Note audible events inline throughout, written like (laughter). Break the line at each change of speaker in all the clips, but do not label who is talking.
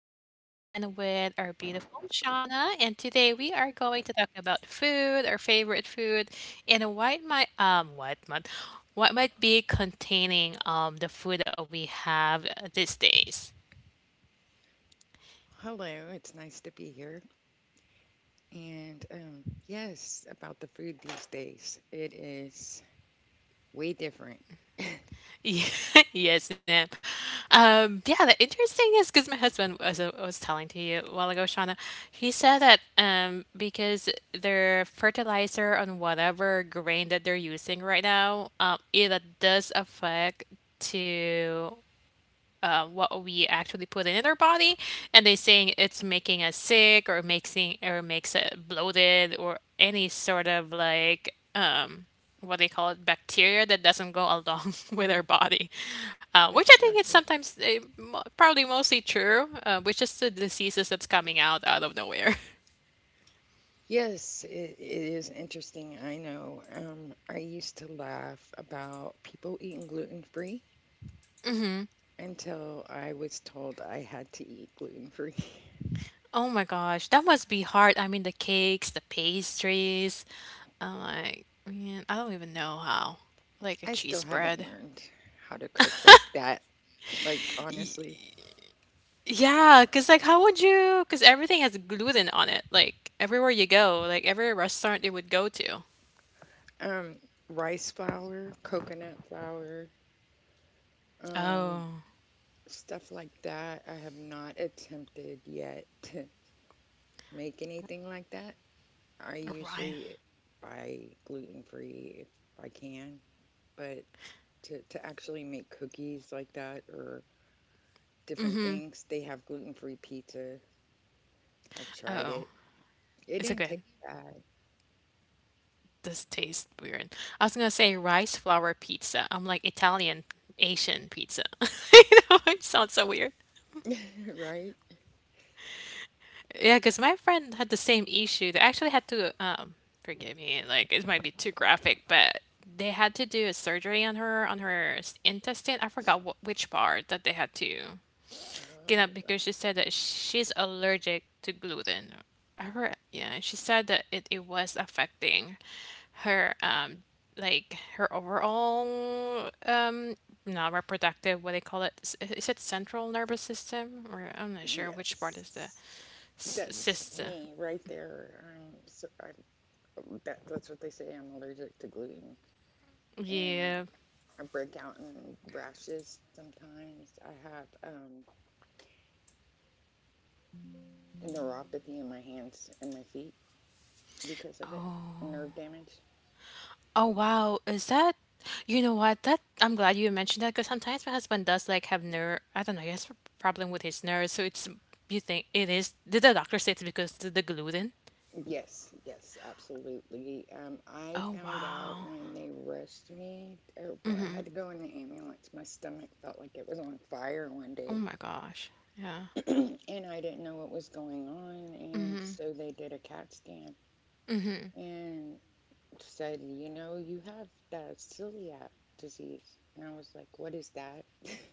show. I'm back again with our beautiful Shauna, and today we are going to talk about food, our favorite food, and what might what might be containing the food that we have these days.
Hello, it's nice to be here. And yes, about the food these days, it is way different.
Yeah, (laughs) yes, ma'am. Yeah, the interesting is because my husband was telling to you a while ago, Shauna. He said that because their fertilizer on whatever grain that they're using right now, it does affect to what we actually put in our body, and they're saying it's making us sick or making or makes it bloated or any sort of like what they call it bacteria that doesn't go along (laughs) with our body, which I think
Exactly.
is sometimes probably mostly true, which is the diseases that's coming out of nowhere. (laughs)
Yes, it is interesting. I know. I used to laugh about people eating gluten free until I was told I had to eat gluten free.
Oh my gosh, that must be hard. I mean, the cakes, the pastries. I'm like, man, I don't even know how. Like
(laughs)
a
I still
cheese
haven't
bread.
learned how to cook like that. Like honestly,
Yeah, because like how would you? Because everything has gluten on it. Like everywhere you go, like every restaurant you would go to.
um, rice flour, coconut flour, um,
Oh,
Stuff like that, I have not attempted yet to make anything like that. I
right.
usually buy gluten free if I can, but to actually make cookies like that or different things, they have gluten free pizza. I've tried
Oh,
it. It
it's
didn't
okay.
taste bad,
This tastes weird. I was gonna say rice flour pizza. I'm like Italian, Asian pizza. (laughs) You know, it sounds so weird.
(laughs) right?
Yeah, because my friend had the same issue. They actually had to, forgive me, like it might be too graphic, but they had to do a surgery on her intestine. I forgot what which part that they had to.
Oh,
Kidnapped because
well,
she said that she's allergic to gluten. Yeah, she said that it was affecting her like her overall not reproductive what they call it is it central nervous system or I'm not sure which part
yes.
is the
That's
system
me right there. That's what they say. I'm allergic to gluten. And
yeah.
I break out in rashes sometimes. I have neuropathy in my hands and my feet because of it, nerve damage.
Oh wow, is that you know what? That I'm glad you mentioned that because sometimes my husband does like have nerve. I don't know. He has a problem with his nerves, so it's you think it is. Did the doctor say it's because of the gluten?
Yes, yes, absolutely. I
Oh
found out
wow.
when they rushed me, or, well, I had to go in the ambulance. My stomach felt like it was on fire one
Oh
day,
my gosh. Yeah.
(clears throat) and I didn't know what was going on. And so they did a CAT scan and said, "You know, you have that celiac disease." And I was like, "What is that?"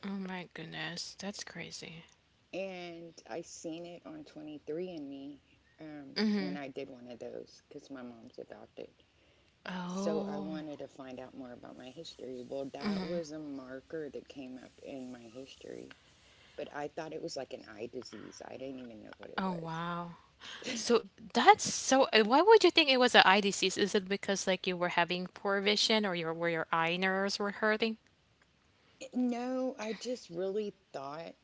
Oh my goodness. That's crazy.
And I seen it on 23andMe when I did one of those because my mom's adopted. So I
Oh.
wanted to find out more about my history. Well, that was a marker that came up in my history, but I thought it was like an eye disease. I didn't even know what it
Oh
was.
wow. So that's so. Why would you think it was an eye disease? Is it because like you were having poor vision or your where your eye nerves were hurting?
No, I just really thought.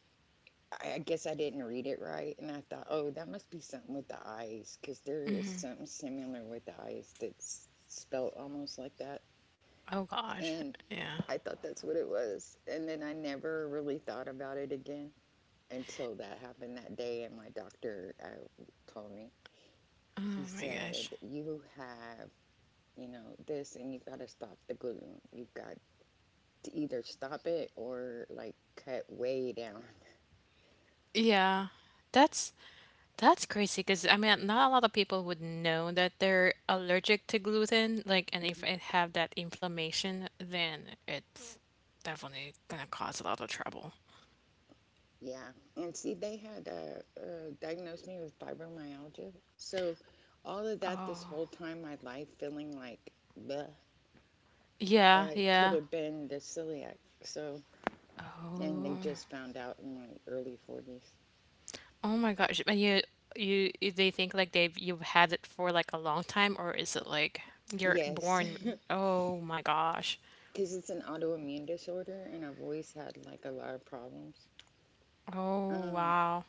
I guess I didn't read it right, and I thought, oh, that must be something with the eyes, because there is something similar with the eyes that's spelled almost like that.
Oh gosh.
And
Yeah.
I thought that's what it was. And then I never really thought about it again until that happened that day. And my doctor told me,
Oh
he
my gosh.
said, "You have this, and you've got to stop the gluten. You've got to either stop it or like cut way down." (laughs)
Yeah, that's that's crazy because I mean, not a lot of people would know that they're allergic to gluten. Like, and if
Mhm.
it have that inflammation, then it's definitely gonna cause a lot of trouble.
Yeah. And see, they had diagnosed me with fibromyalgia. So all of that this whole time, my life feeling like, bleh,
Yeah,
It could
yeah.
have been the celiac. So, and they just found out in my early 40s.
Oh my gosh, and you they think like they've you've had it for like a long time, or is it like you're
Yes,
born? With-
(laughs)
Oh my gosh.
because it's an autoimmune disorder, and I've always had like a lot of problems.
Oh
Um,
wow.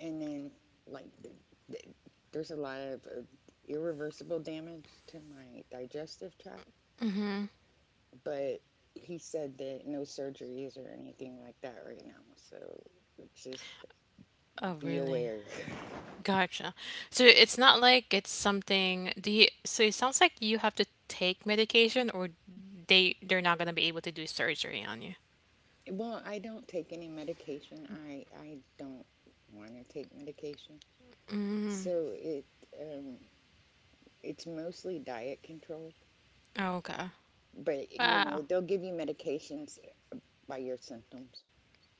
and then like th th there's a lot of irreversible damage to my digestive tract, but he said that no surgeries or anything like that right now. So just
Oh
be
really?
aware.
Gotcha. So it's not like it's something do you so it sounds like you have to take medication or they're not gonna be able to do surgery on you.
Well, I don't take any medication. I don't want to take medication. So um it's mostly diet control,
Okay.
but
Wow.
they'll give you medications by your symptoms.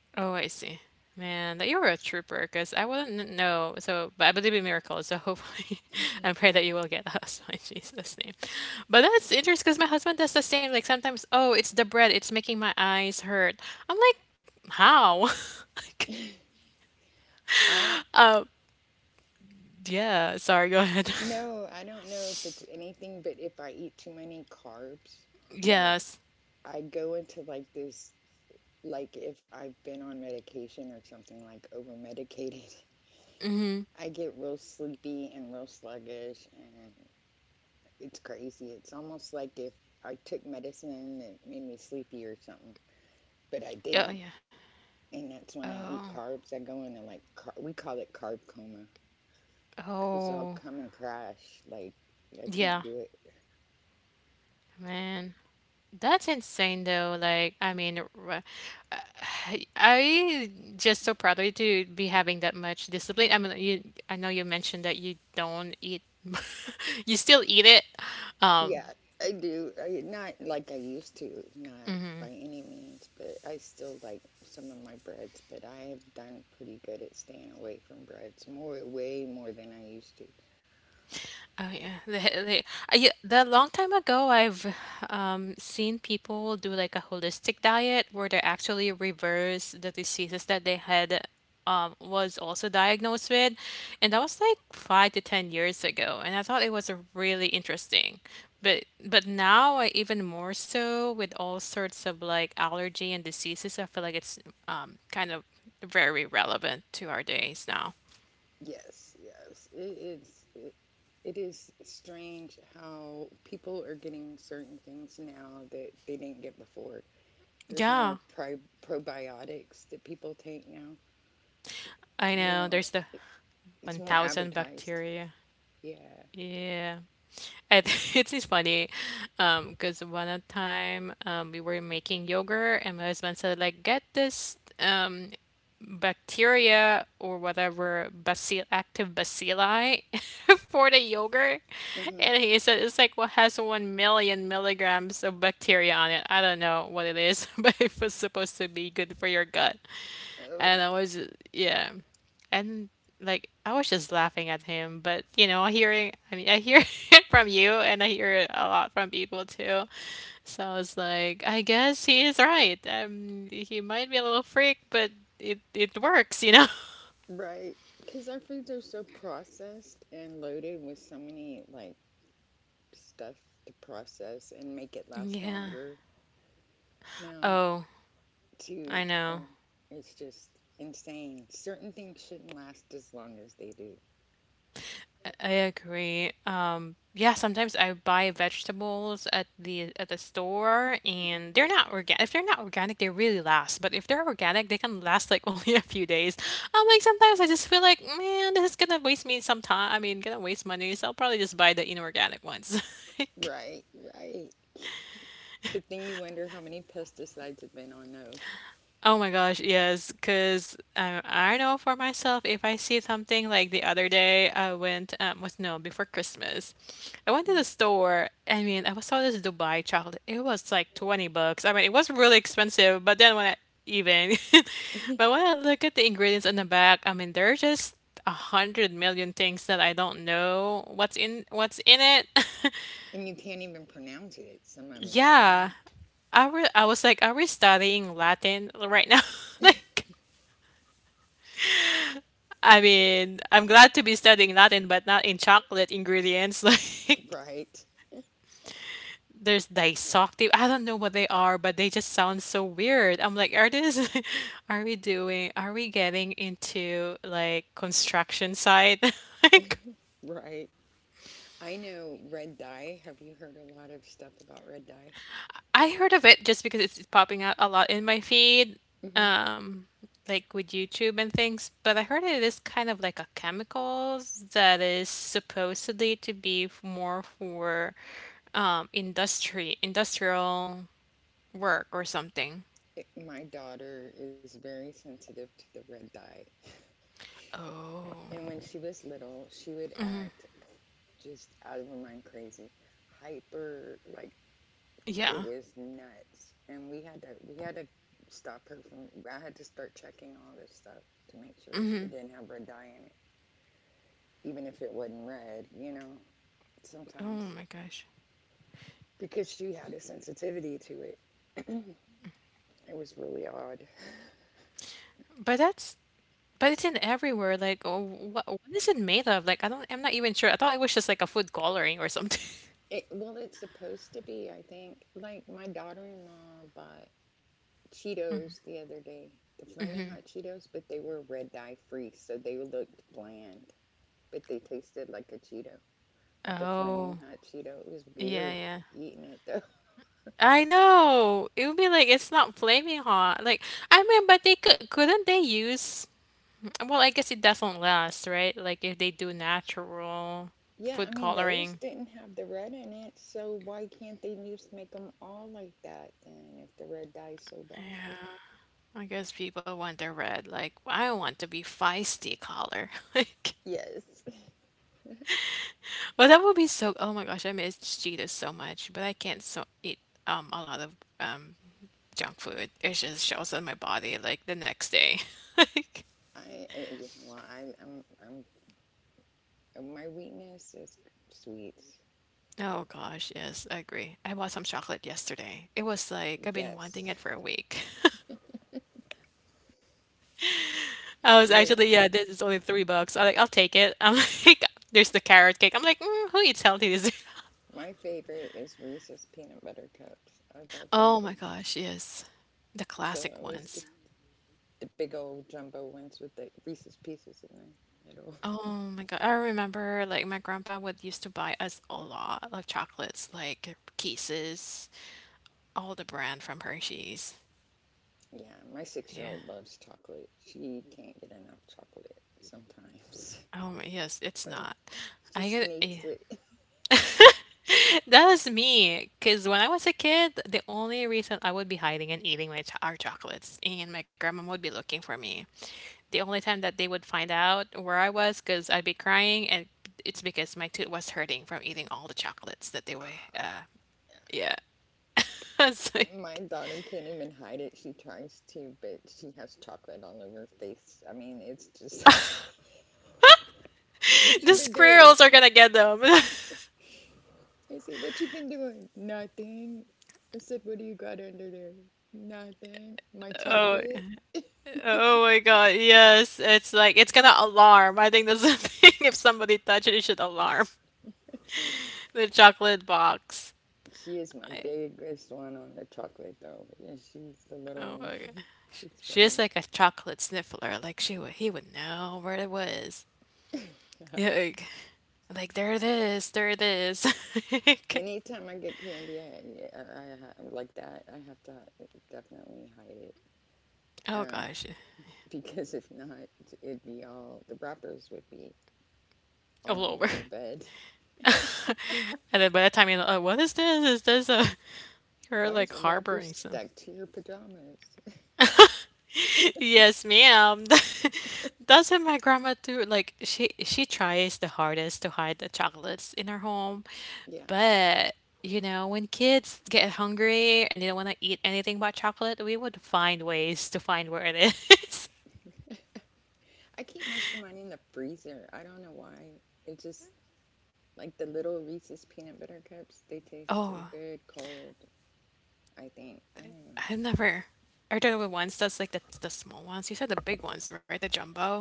Oh, I see. Man, that you were a trooper, cause I wouldn't know. So, but I believe in miracles, so hopefully (laughs) I pray that you will get us (laughs) in Jesus' name. But that's interesting, cause my husband does the same. Like sometimes, oh, it's the bread, it's making my eyes hurt. I'm like, how? (laughs) Like,
(laughs) I
yeah, sorry, go ahead.
no, I don't know if it's anything, but if I eat too many carbs,
(laughs)
like
Yes.
I go into like this, like if I've been on medication or something like over medicated, (laughs)
Mm-hmm.
I get real sleepy and real sluggish, and it's crazy. It's almost like if I took medicine that made me sleepy or something, but I
Oh
didn't.
yeah.
And that's when I eat
Oh.
carbs. I go into like, we call it carb coma because I'll
Oh.
come and crash. Like, I can't
Yeah.
do it.
Man. That's insane though. Like, I mean, uh, (sighs) I just so proud of you to be having that much discipline. I mean, you I know you mentioned that you don't eat (laughs) you still eat it.
Yeah, I do. Not like I used to, not by any means, but I still like some of my breads. But I have done pretty good at staying away from breads, more, way more than I used to.
Oh yeah, (laughs) they I, yeah, the long time ago, I've seen people do like a holistic diet where they actually reverse the diseases that they had was also diagnosed with, and that was like 5 to 10 years ago, and I thought it was a really interesting. But now even more so with all sorts of like allergy and diseases, I feel like it's kind of very relevant to our days now.
Yes, yes. It is strange how people are getting certain things now that they didn't get before. There's more
Yeah,
probiotics that people take now.
I
You
know.
know,
There's the
it's more
1,000
advertised.
bacteria.
Yeah.
Yeah. And (laughs) it is funny because one at time we were making yogurt and my husband said like get this bacteria or whatever bacil active bacilli (laughs) for the yogurt
Mm-hmm.
and he said it's like what has 1 million milligrams of bacteria on it. I don't know what it is, (laughs) but it was supposed to be good for your gut.
Oh,
And I was, yeah. And like I was just laughing at him, but you know, I mean I hear (laughs) it from you and I hear it a lot from people too. So I was like, I guess he is right. He might be a little freak, but it works. (laughs)
right. Because our foods are so processed and loaded with so many like stuff to process and make it last
Yeah.
longer now.
Oh,
To
I know.
um, it's just insane. Certain things shouldn't last as long as they do.
I agree. Yeah, sometimes I buy vegetables at the store
Mhm.
and they're not organic. If they're not organic, they really last. But if they're organic, they can last like (laughs) only a few days. I'm like sometimes I just feel like, man, this is gonna waste me some time. I mean, gonna waste money, so I'll probably just buy the inorganic ones. (laughs) Like,
Right, right. But then you wonder how many pesticides have been on those.
oh my gosh, yes, because I know for myself, if I see something like the other day, I went, was no, before Christmas, I went to the
Mhm.
store. I mean, I saw this Dubai chocolate. It was like 20 bucks. I mean, it was really expensive, but then when I even, (laughs) but
(laughs)
when I look at the ingredients in the back, I mean, there are just a hundred million things that I don't know what's in it. (laughs)
And you can't even pronounce it, some of it, you
Yeah,
know?
I was like, are we studying Latin right now? (laughs) Like. I mean, I'm glad to be studying Latin, but not in chocolate ingredients. (laughs)
(laughs)
Like,
Right,
there's disoctive. I don't know what they are, but they just sound so weird. I'm like, are this, (laughs) are we doing, are we getting into like construction site? (laughs) Like,
right. I know red dye. Have you heard a lot of stuff about red dye?
I heard of it just because it's popping out a lot in my feed,
Hmm.
um, like with YouTube and things. But I heard it is kind of like a chemicals that is supposedly to be more for industry industrial work or something.
My daughter is very sensitive to the red dye.
Oh,
And when she was little, she would act just out of her mind crazy, hyper. Like, it
yeah.
was nuts, and we had to stop her from I had to start checking all this stuff to make sure she didn't have red dye in it, even if it wasn't red,
Oh
sometimes,
my gosh.
because she had a sensitivity to It was really odd.
But that's but it's in everywhere. Like, oh, what is it made of? Like, I don't. I'm not even sure. I thought it was just like a food coloring or something. (laughs)
Well, it's supposed to be, I think. Like, my daughter-in-law bought Cheetos the other day, the flaming hot Cheetos, but they were red dye free, so they looked bland, but they tasted like a Cheeto, like a flaming
Oh,
hot Cheeto. It was
yeah,
weird
yeah.
eating it though. (laughs)
I know. It would be like it's not flaming hot. Like I mean, but they could couldn't they use well, I guess it doesn't last, right? Like if they do natural
Yeah, I
food
mean those
coloring,
didn't have the red in it, so why can't they just make them all like that then? If the red dies so bad.
I guess people want the red. Like I want to be feisty color. (laughs)
Yes,
Like well, that would be so oh my gosh, I miss Cheetos so much, but I can't so eat a lot of junk food. It just shows on my body like the next day. (laughs)
I, I yeah. Well, I, I'm I'm my weakness is sweets.
Oh gosh, yes, I agree. I bought some chocolate yesterday. It was like I've been
Yes,
wanting it for a week. (laughs) I was actually,
(laughs)
yeah, this is only 3 bucks. I'm like, I'll take it. I'm (laughs) like, there's the carrot cake. I'm like, mm, who eats healthy this? (laughs)
my favorite is Reese's peanut butter cups. I love them
Oh my
things.
gosh, yes. The
So I
classic
always get
ones.
the big old jumbo ones with the Reese's pieces in them. It'll
Oh my God. I remember like my grandpa would used to buy us a lot of chocolates, like Kisses, all the brand from Hershey's.
Yeah, my 6-year
Yeah.
old loves chocolate. She can't get enough chocolate sometimes. (laughs)
Oh my, yes, it's
But
not.
she
I get, yeah.
sneaks it.
That was me, because when I was a kid, the only reason I would be hiding and eating my our chocolates, and my grandma would be looking for me. The only time that they would find out where I was, because I'd be crying, and it's because my tooth was hurting from eating all the chocolates that they were. Uh,
(laughs)
yeah, (laughs) I was like
My daughter can't even hide it. She tries to, but she has chocolate all over her face. I mean, it's just (laughs) like, what you
the
been doing?
squirrels are gonna get them. (laughs)
Izzy, what you been doing? Nothing. I said, what do you got under there? Nothing. My chocolate.
Oh my god, yes. It's like it's gonna alarm. I think that's the (laughs) thing. If somebody touches it, it should alarm. (laughs) The chocolate box.
She is my
I,
biggest one on the chocolate, though. Yeah, she's the little
oh
one.
okay.
(laughs) It's funny.
She's like a chocolate sniffler. Like she would, he would know where it was. Yeah,
(laughs)
like there it is, there it is. (laughs)
Anytime I get candy, Yeah, I like that. I have to definitely hide it
oh
um,
gosh,
(laughs) because if not, it'd be all the wrappers would be all
all
under
over.
her bed.
And then by the time, what is this? Is this a?
(laughs)
You're
Why is
like
a wrapper
harboring some.
stuck to your pajamas? (laughs)
(laughs) yes, ma'am. (laughs) Doesn't my grandma do like she tries the hardest to hide the chocolates in her home,
Yeah,
but you know when kids get hungry and they don't want to eat anything but chocolate, we would find ways to find where it is. (laughs)
I keep most of mine in the freezer. I don't know why. It just like the little Reese's peanut butter cups. They taste so
Oh,
good cold. I think I don't know.
I've never. I've done it with ones that's like the small ones. You said the big ones, right? The jumbo.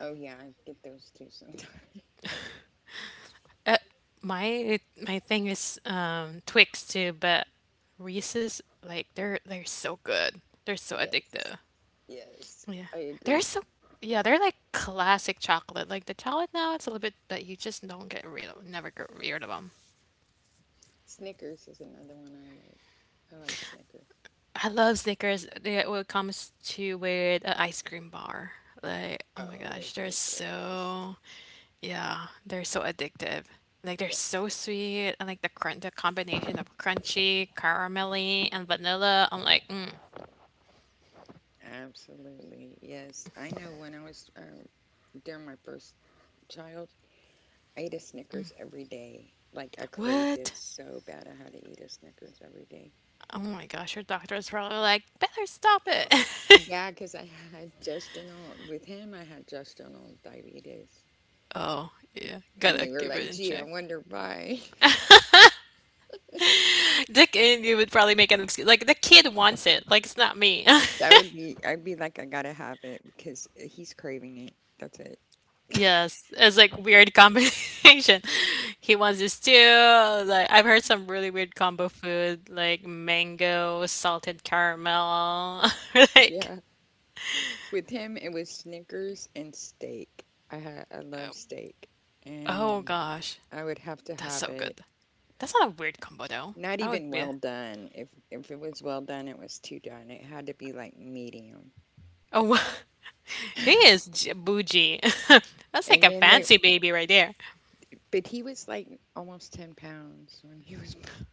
Oh yeah, I get those too sometimes.
Uh, my my thing is Twix too, but Reese's like they're so good. They're
(laughs)
so
Yes,
addictive.
yes,
Yeah,
I
they're
agree.
so yeah they're like classic chocolate. Like the chocolate now, it's a little bit, but you just don't get rid of never get rid of them.
Snickers is another one I like. I like Snickers.
I love Snickers when it comes to with an ice cream bar. Like, oh my
Oh,
gosh,
those are
they're
the greatest.
so, yeah, they're so addictive. Like they're
Yes.
so sweet, and like the crunch, the combination of crunchy, caramelly, and vanilla. I'm like, mm,
Absolutely. Yes. I know when I was during my first child, I ate a Snickers every day. Like I craved it
what?
so bad, I had to eat a Snickers every day.
Oh my gosh, your doctor is probably like, better stop it. (laughs)
Yeah, because I had gestational with him. I had gestational diabetes,
Oh, yeah.
and
Gotta
they were
keep it
like,
in
"Gee, I
check.
wonder why." (laughs)
Dick and you would probably make an excuse. Like, the kid wants it. Like, it's not me. (laughs)
That would be. I'd be like, I gotta have it because he's craving it. That's it.
Yes, it's like weird combination. (laughs) He wants this too. Like I've heard some really weird combo food, like mango, salted caramel. (laughs) Like,
Yeah. With him, it was Snickers and steak. I love steak,
oh
and
gosh,
I would have to
that's
have
so
it
good. That's not a weird combo though.
not
I would
even
be.
well done. If it was well done, it was too done. It had to be like medium.
Oh, (laughs) he is j- bougie. (laughs) That's like
And
a
then there,
fancy baby right there.
but he was like almost 10 pounds when he (laughs) was born.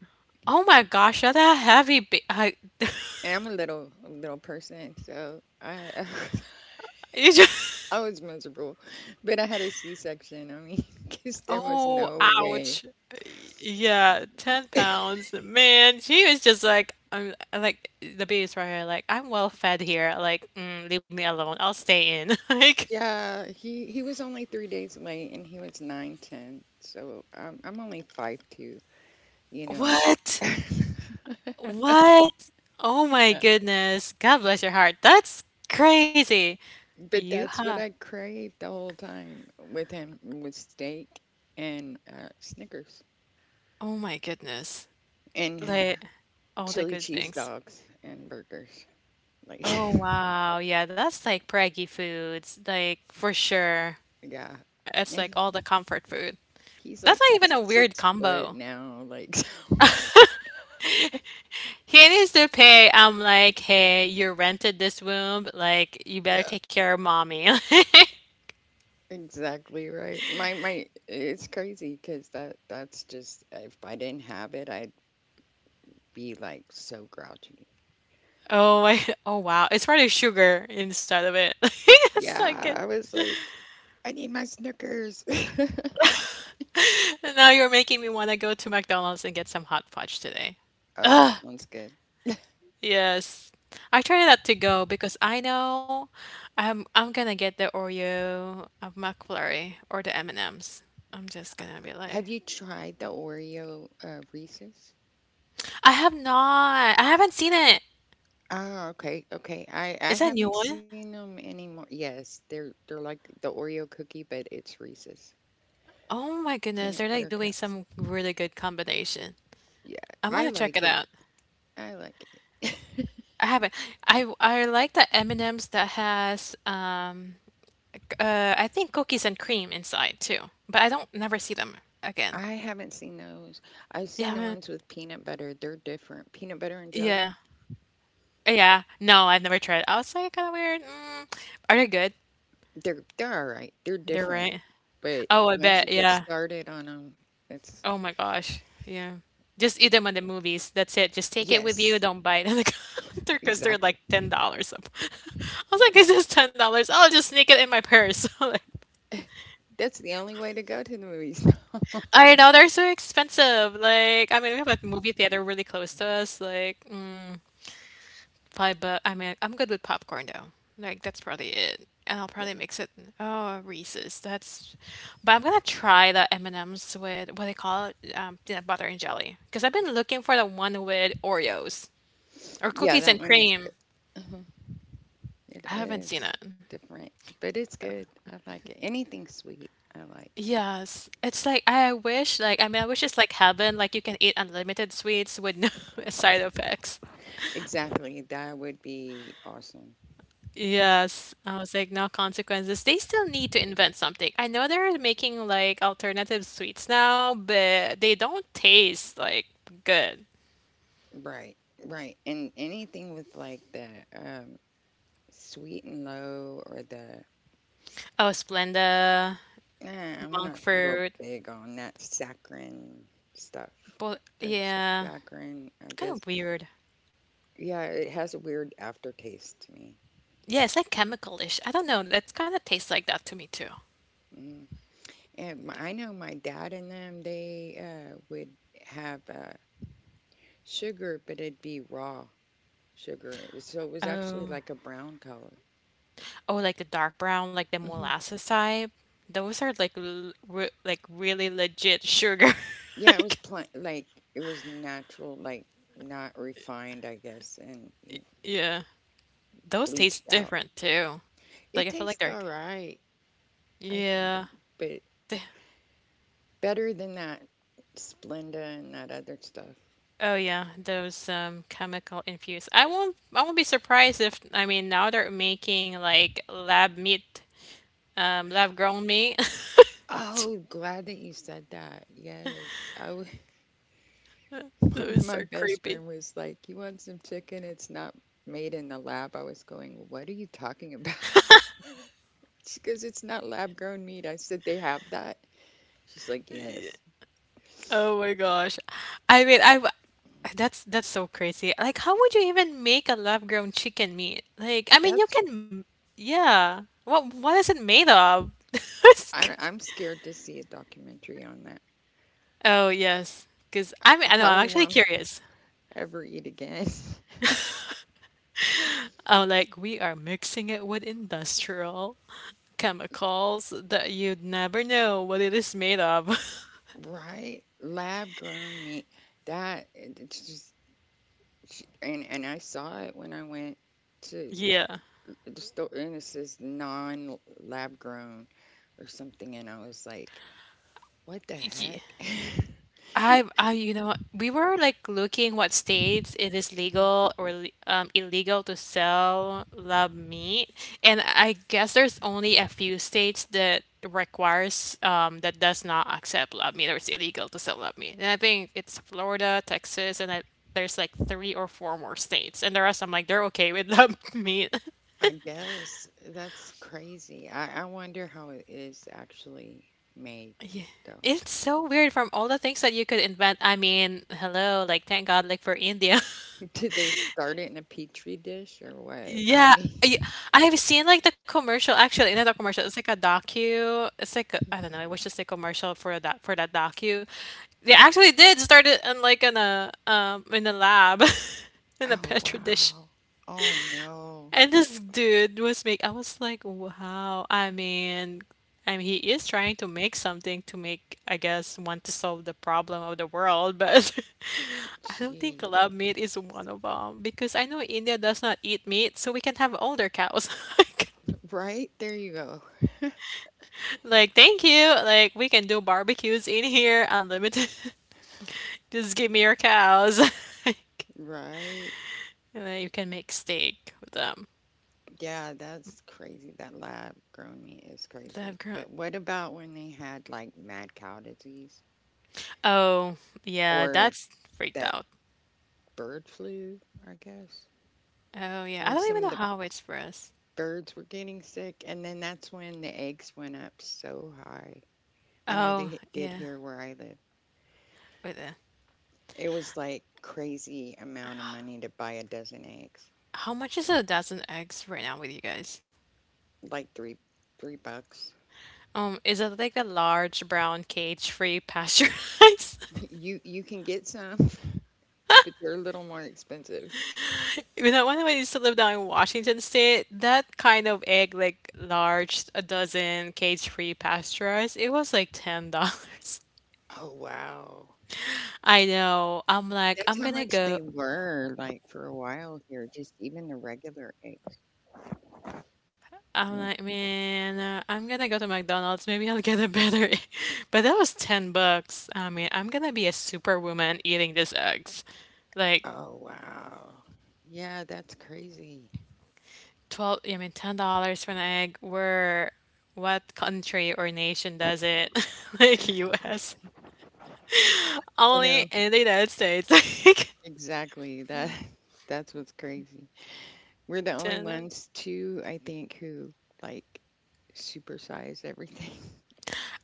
Oh my gosh, that's a heavy. Ba- I, (laughs)
And I'm a little person, so I (laughs) I was
you just.
I was miserable. But I had a C-section. I mean, (laughs) because there was
Oh,
no way.
ouch. Y- Yeah, 10
(laughs)
pounds. Man, she was just like, I'm like, the baby's right here. Like, I'm well fed here. Like, mm, leave me alone. I'll stay in. (laughs) Like,
Yeah, he was only 3 days late, and he was nine ten. So I'm only 5'2". You know,
what?
(laughs)
What? Oh my
Uh,
goodness. God bless your heart. That's crazy.
but
You
that's
have,
what I craved the whole time with him was steak and Snickers
oh my goodness.
and
Like, all the
chili
good
cheese
things.
dogs and burgers. Like,
Oh,
(laughs)
wow. Yeah, that's like preggy foods. Like, for sure.
yeah,
It's
and
like all the
he-
comfort food.
he's
That's
like
not even a weird
6 foot
combo.
now. Like,
He needs to pay. I'm like, hey, you rented this room. Like,
(laughs)
you better
yeah.
take care of mommy. (laughs)
Exactly right. My it's crazy because that's just if I didn't have it, I'd be like so grouchy.
Oh, I, oh wow. It's probably sugar inside of it. (laughs) That's not
Yeah,
good.
I was like, I need my Snickers. (laughs)
Now you're making me want to go to McDonald's and get some hot fudge today.
Oh, that sounds good.
Yes. I try not to go because I know I'm gonna get the Oreo of McFlurry or the M&Ms. I'm just gonna be like,
Have you tried the Oreo Reese's?
I have not. I haven't seen it.
Ah, okay, okay. I
Is that a new
haven't
one?
seen them anymore. Yes, they're like the Oreo cookie, but it's Reese's
Oh my goodness, they're
peanut
like
butter
doing
cups.
some really good combination.
Yeah,
I'm gonna
I
check it
like it.
out.
I like it. (laughs)
I haven't. I like the M&Ms that has c- I think cookies and cream inside too, but I don't never see them again.
I haven't seen those. I've seen
Yeah,
the ones
I-
with peanut butter. They're different. Peanut butter and jelly.
yeah, yeah. No, I've never tried. It. I was like kind of weird. Mm. Are they good?
They're all right. They're
They're
different.
right.
But
Oh, I
once
bet.
you get
Yeah.
started on them, it's
Oh my gosh. Yeah. Just eat them on the movies. That's it. Just take it with you.
yes,
Don't buy it on the (laughs) counter because they're like
exactly.
$10. I was like, this is $10. Oh, I'll just sneak it in my purse. (laughs) Like,
That's the only way to go to the movies.
I know they're so expensive. Like, I mean, we have a movie theater really close to us. Like, mm, $5. I mean, I'm good with popcorn though. Like, that's probably it. And I'll
(laughs) Yeah,
probably mix it. Oh, Reese's. That's. But I'm gonna try the M and M's with what they call it, peanut butter and jelly. Because I've been looking for the one with Oreos or
yeah,
cookies
that
and
one is
cream.
good. Uh-huh. It
I haven't seen
is
it.
different, but it's good. I like it. Anything sweet, I like.
Yes, it's like I wish, like I mean, I wish it's like heaven, like you can eat unlimited sweets with no (laughs) side effects.
Exactly. That would be awesome.
Yes, I was like, no consequences. They still need to invent something. I know they're making like alternative sweets now, but they don't taste like good.
Right. Right. And anything with like the um, Sweet and Low or the
Oh, Splenda,
nah, I'm
monk
not real
fruit,
big on that saccharin stuff.
but
The
yeah,
saccharin, I
kind
guess.
of weird.
Yeah, it has a weird aftertaste to me.
Yeah, it's like chemical-ish. I don't know. It kind of tastes like that to me too.
Mm. I know my dad and them, they would have sugar, but it'd be raw sugar. So it was actually
Oh.
like a brown color.
Oh, like the dark brown, like the
Hmm.
molasses type. Those are like l re like really legit sugar. (laughs)
Yeah, it was
Like,
like it was natural, like not refined, I guess, and
yeah, those taste
bleached out.
different too. Like
It
I feel like
tastes
they're
all right, I think,
yeah.
but
Th-
better than that Splenda and that other stuff.
oh yeah, those chemical infused. I won't be surprised if I mean now they're making like lab meat, lab grown meat. (laughs)
Oh, glad that you said that. Yes, I was. (laughs) My,
Those
my
are
best
creepy.
friend was like, "You want some chicken? It's not made in the lab." I was going, "What are you talking about?" (laughs) She goes, "It's not lab grown meat." I said, "They have that." She's like, "Yes."
Oh my gosh. I mean, I w- that's so crazy. Like, how would you even make a lab-grown chicken meat? Like, I mean, you
That's.
can, yeah. What is it made of? (laughs)
I'm scared to see a documentary on that.
Oh yes, because I
I
mean, I know I'm
probably
actually
won't
curious.
(laughs) ever eat again. (laughs)
Oh, like we are mixing it with industrial chemicals that you'd never know what it is made of. (laughs)
Right? Lab grown meat. It's just and I saw it when I went to
Yeah.
the store and it says non lab grown or something and I was like, what the
Ye-
heck? (laughs)
I, you know, we were like looking what states it is
Mhm.
legal or le- illegal to sell lab meat, and I guess there's only a few states that requires that does not accept lab meat or it's illegal to sell lab meat. And I think it's Florida, Texas, and I, there's like three or four more states, and the rest I'm like they're okay with lab (laughs) meat.
I guess that's crazy. I wonder how it is actually made though.
It's so weird from all the things that you could invent. I mean, hello, like thank God, like for India.
(laughs) Did they start it in a petri dish or what? I
Yeah, I,
mean,
I've seen like the commercial. Actually, not a commercial. It's like a docu. It's like a, I don't know. I was just a commercial for that docu. They actually did start it in like in a lab (laughs)
(laughs)
in a
oh
petri dish.
wow. Oh no.
And this dude was make. I was like, wow. I mean, he is trying to make something to make. I guess want to solve the problem of the world, but (laughs) I don't think lab
Gee.
meat is one of them because I know India does not eat meat, so we can have all their cows. (laughs)
Right? There you go.
Like, thank you. Like, we can do barbecues in here, unlimited. (laughs) Just give me your cows. (laughs) Like,
Right?
and then you can make steak with them.
Yeah, that's crazy. That lab grown meat is
Lab
crazy.
grown.
But what about when they had like mad cow disease
Oh, yeah,
or
that's freaked
that
out.
bird flu, I guess?
Oh, yeah. I
When
don't
some
even know
of the
how it's for us.
birds were getting sick, and then that's when the eggs went up so high. I know
Oh,
they did
yeah.
here where I live.
Wait,
It was like crazy amount of money to buy a dozen eggs,
how much is a dozen eggs right now with you guys?
like three bucks. (laughs)
Is it like a large brown cage-free pasteurized? (laughs)
You can get some, (laughs) but they're a little more expensive.
You know, when I used to live down in Washington State, that kind of egg, like large, a dozen cage-free pasteurized, it was like $10.
Oh, wow.
(laughs) I know. I'm like, I'm
That's how
gonna
much
go.
they were like for a while here, just even the regular eggs.
I'm
Yeah.
like, man, I'm gonna go to McDonald's. Maybe I'll get a better. Egg. (laughs) But that was $10. I mean, I'm gonna be a superwoman eating these eggs. Like
Oh, wow. Yeah, that's crazy.
twelve. I mean, $10 for an egg. Where, what country or nation does it? (laughs) Like U.S.
I
Only
know
in the United States. (laughs) Like,
exactly that. (laughs) That's what's crazy. We're the only
damn.
ones, too, I think, who like supersize everything.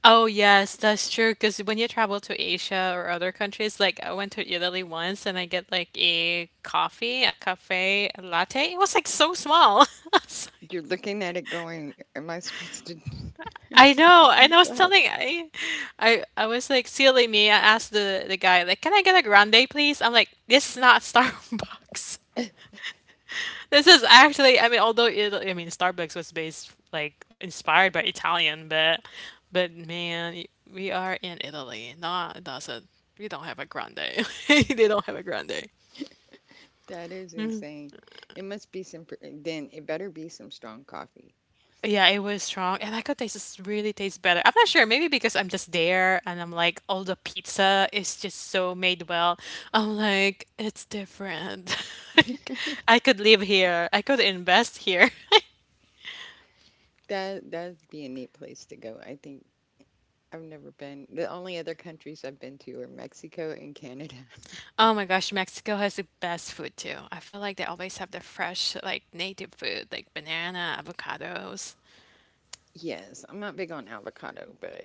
Oh yes, that's true. Because when you travel to Asia or other countries, like I went to Italy once and I get like a coffee, a cafe, a latte. It was like so small. (laughs) I was like-
(laughs) You're looking at it going, am I supposed to?
I know, and I was
(laughs) That,
telling I was like silly me. I asked the guy like, Can I get a grande, please? I'm like, This is not (laughs) Starbucks. This is actually, I mean, although it, I mean, Starbucks was based like inspired by Italian, but man, we are in Italy. Not doesn't we don't have a grande. (laughs) They don't have a grande.
that is insane. It must be some, then it better be some strong coffee.
Yeah, it was strong, and I could taste this really tastes better. I'm not sure, maybe because I'm just there and I'm like, all the pizza is just so made well. I'm like, it's different. (laughs) Like, I could live here. I could invest here.
That that'd be a neat place to go. I think I've never been. The only other countries I've been to are Mexico and Canada. (laughs)
Oh my gosh, Mexico has the best food too. I feel like they always have the fresh, like native food, like banana, avocados.
Yes, I'm not big on avocado, but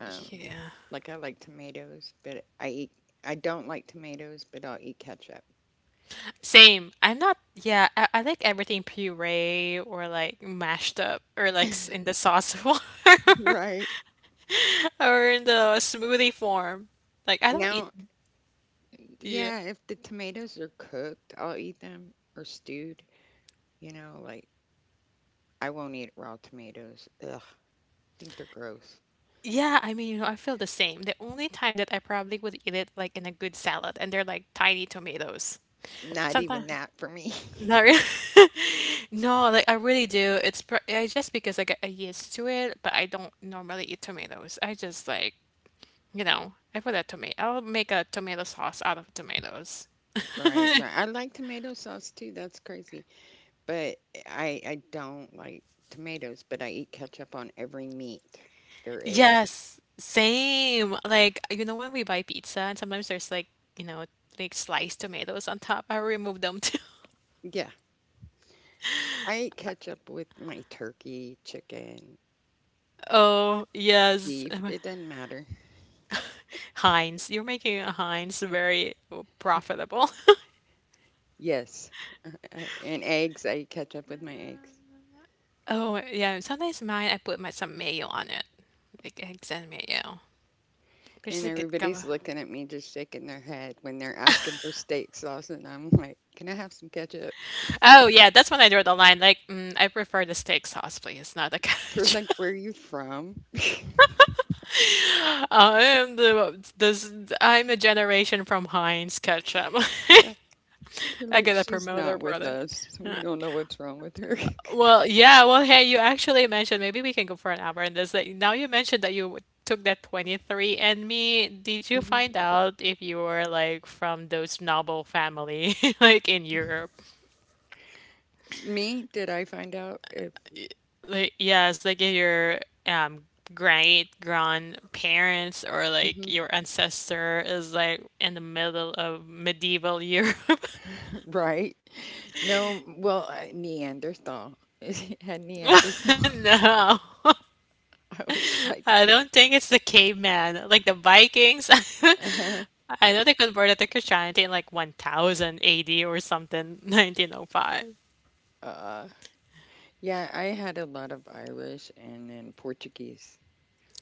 um,
Yeah.
like I like tomatoes, but I don't like tomatoes, but I'll eat ketchup.
Same. I'm not, yeah, I like everything puree or like mashed up or like s- in the sauce (laughs) form
(laughs) Right.
or in the smoothie form. Like I don't eat
Now,
the
yeah, if the tomatoes are cooked, I'll eat them or stewed, you know, like I won't eat raw tomatoes. Ugh, I think they're gross.
yeah, I mean, you know, I feel the same. The only time that I probably would eat it like in a good salad and they're like tiny tomatoes.
Not
Sometimes,
even that for me. (laughs)
not really. (laughs) No, like I really do. It's pr I just because I get used to it, but I don't normally eat tomatoes. I just like, you know, I put a tomato. I'll make a tomato sauce out of tomatoes.
Right, right. I like tomato sauce too. That's crazy. But I don't like tomatoes, but I eat ketchup on every meat there is.
Yes, same. Like, you know, when we buy pizza and sometimes there's like, you know, like sliced tomatoes on top, I remove them too. (laughs)
Yeah, I eat ketchup with my turkey, chicken,
Oh, yes.
beef. It doesn't matter.
(laughs) Heinz. You're making a Heinz very profitable. (laughs)
Yes, and eggs. I eat ketchup with my eggs.
Oh, yeah. Sometimes mine, I put my some mayo on it, like eggs and mayo. There's
And
a good combo.
everybody's looking at me, just shaking their head when they're asking for steak sauce, and I'm like, "Can I have some ketchup?"
Oh yeah, that's when I draw the line. Like, mm, I prefer the steak sauce, please, not the
They're
ketchup.
like, "Where are you from?" (laughs)
(laughs) I am the this. I'm a generation from Heinz ketchup.
Yeah, they're
(laughs) I got
like,
to
"She's
promote promoter,
not with
brother.
us. We
Uh,
don't know what's wrong with her."
Well,
(laughs)
yeah. Well, hey, you actually mentioned maybe we can go for an hour in this. Like, now you mentioned that you took that 23 and me. Did you
Mhm.
find out if you were like from those noble family, (laughs) like in Europe?
Me? Did I find out if.
Like yes, like if your um great grandparents or like
Mhm.
your ancestor is like in the middle of medieval Europe. (laughs)
(laughs) Right? No, well, I, Neanderthal. (laughs) Had Neanderthal. (laughs)
No,
I was like,
I don't think it's the caveman. Like the Vikings,
(laughs)
(laughs) I know they converted to Christianity in like 1000 AD or something, 1905.
uh, yeah, I had a lot of Irish and then Portuguese.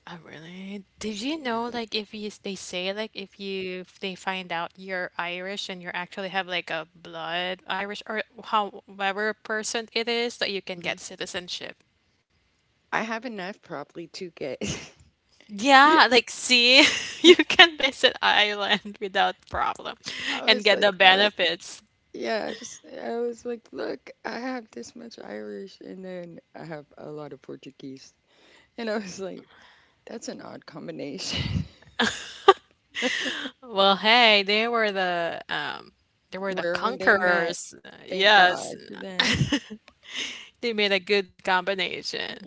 Oh, really? Did you know, like, if you they say like if you if they find out you're Irish and you actually have like a blood Irish or however person it is, that you can
Hmm.
get citizenship.
I have enough probably to get. (laughs)
Yeah, like see, (laughs) you can visit Ireland without problem
I
and
was
get
like,
the
look,
benefits.
yes. I was like, look, I have this much Irish and then I have a lot of Portuguese. And I was like, that's an odd combination.
Well, hey, they were the
Wherever they met.
conquerors.
Thank
Yes,
God for them.
they made a good combination.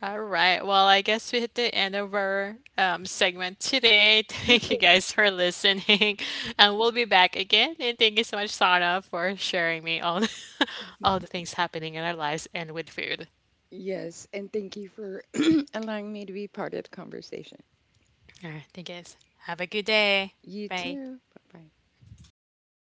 All right. Well, I guess we hit the end of our segment today. (laughs)
(laughs)
Thank you
Okay.
guys for listening, (laughs) and we'll be back again. And thank you so much, Sana, for sharing me all the, (laughs) all the things happening in our lives and with food.
Yes, and thank you for (clears throat) allowing me to be part of the conversation.
All right. Thank you guys. Have a good day.
You
Bye.
too. Bye bye.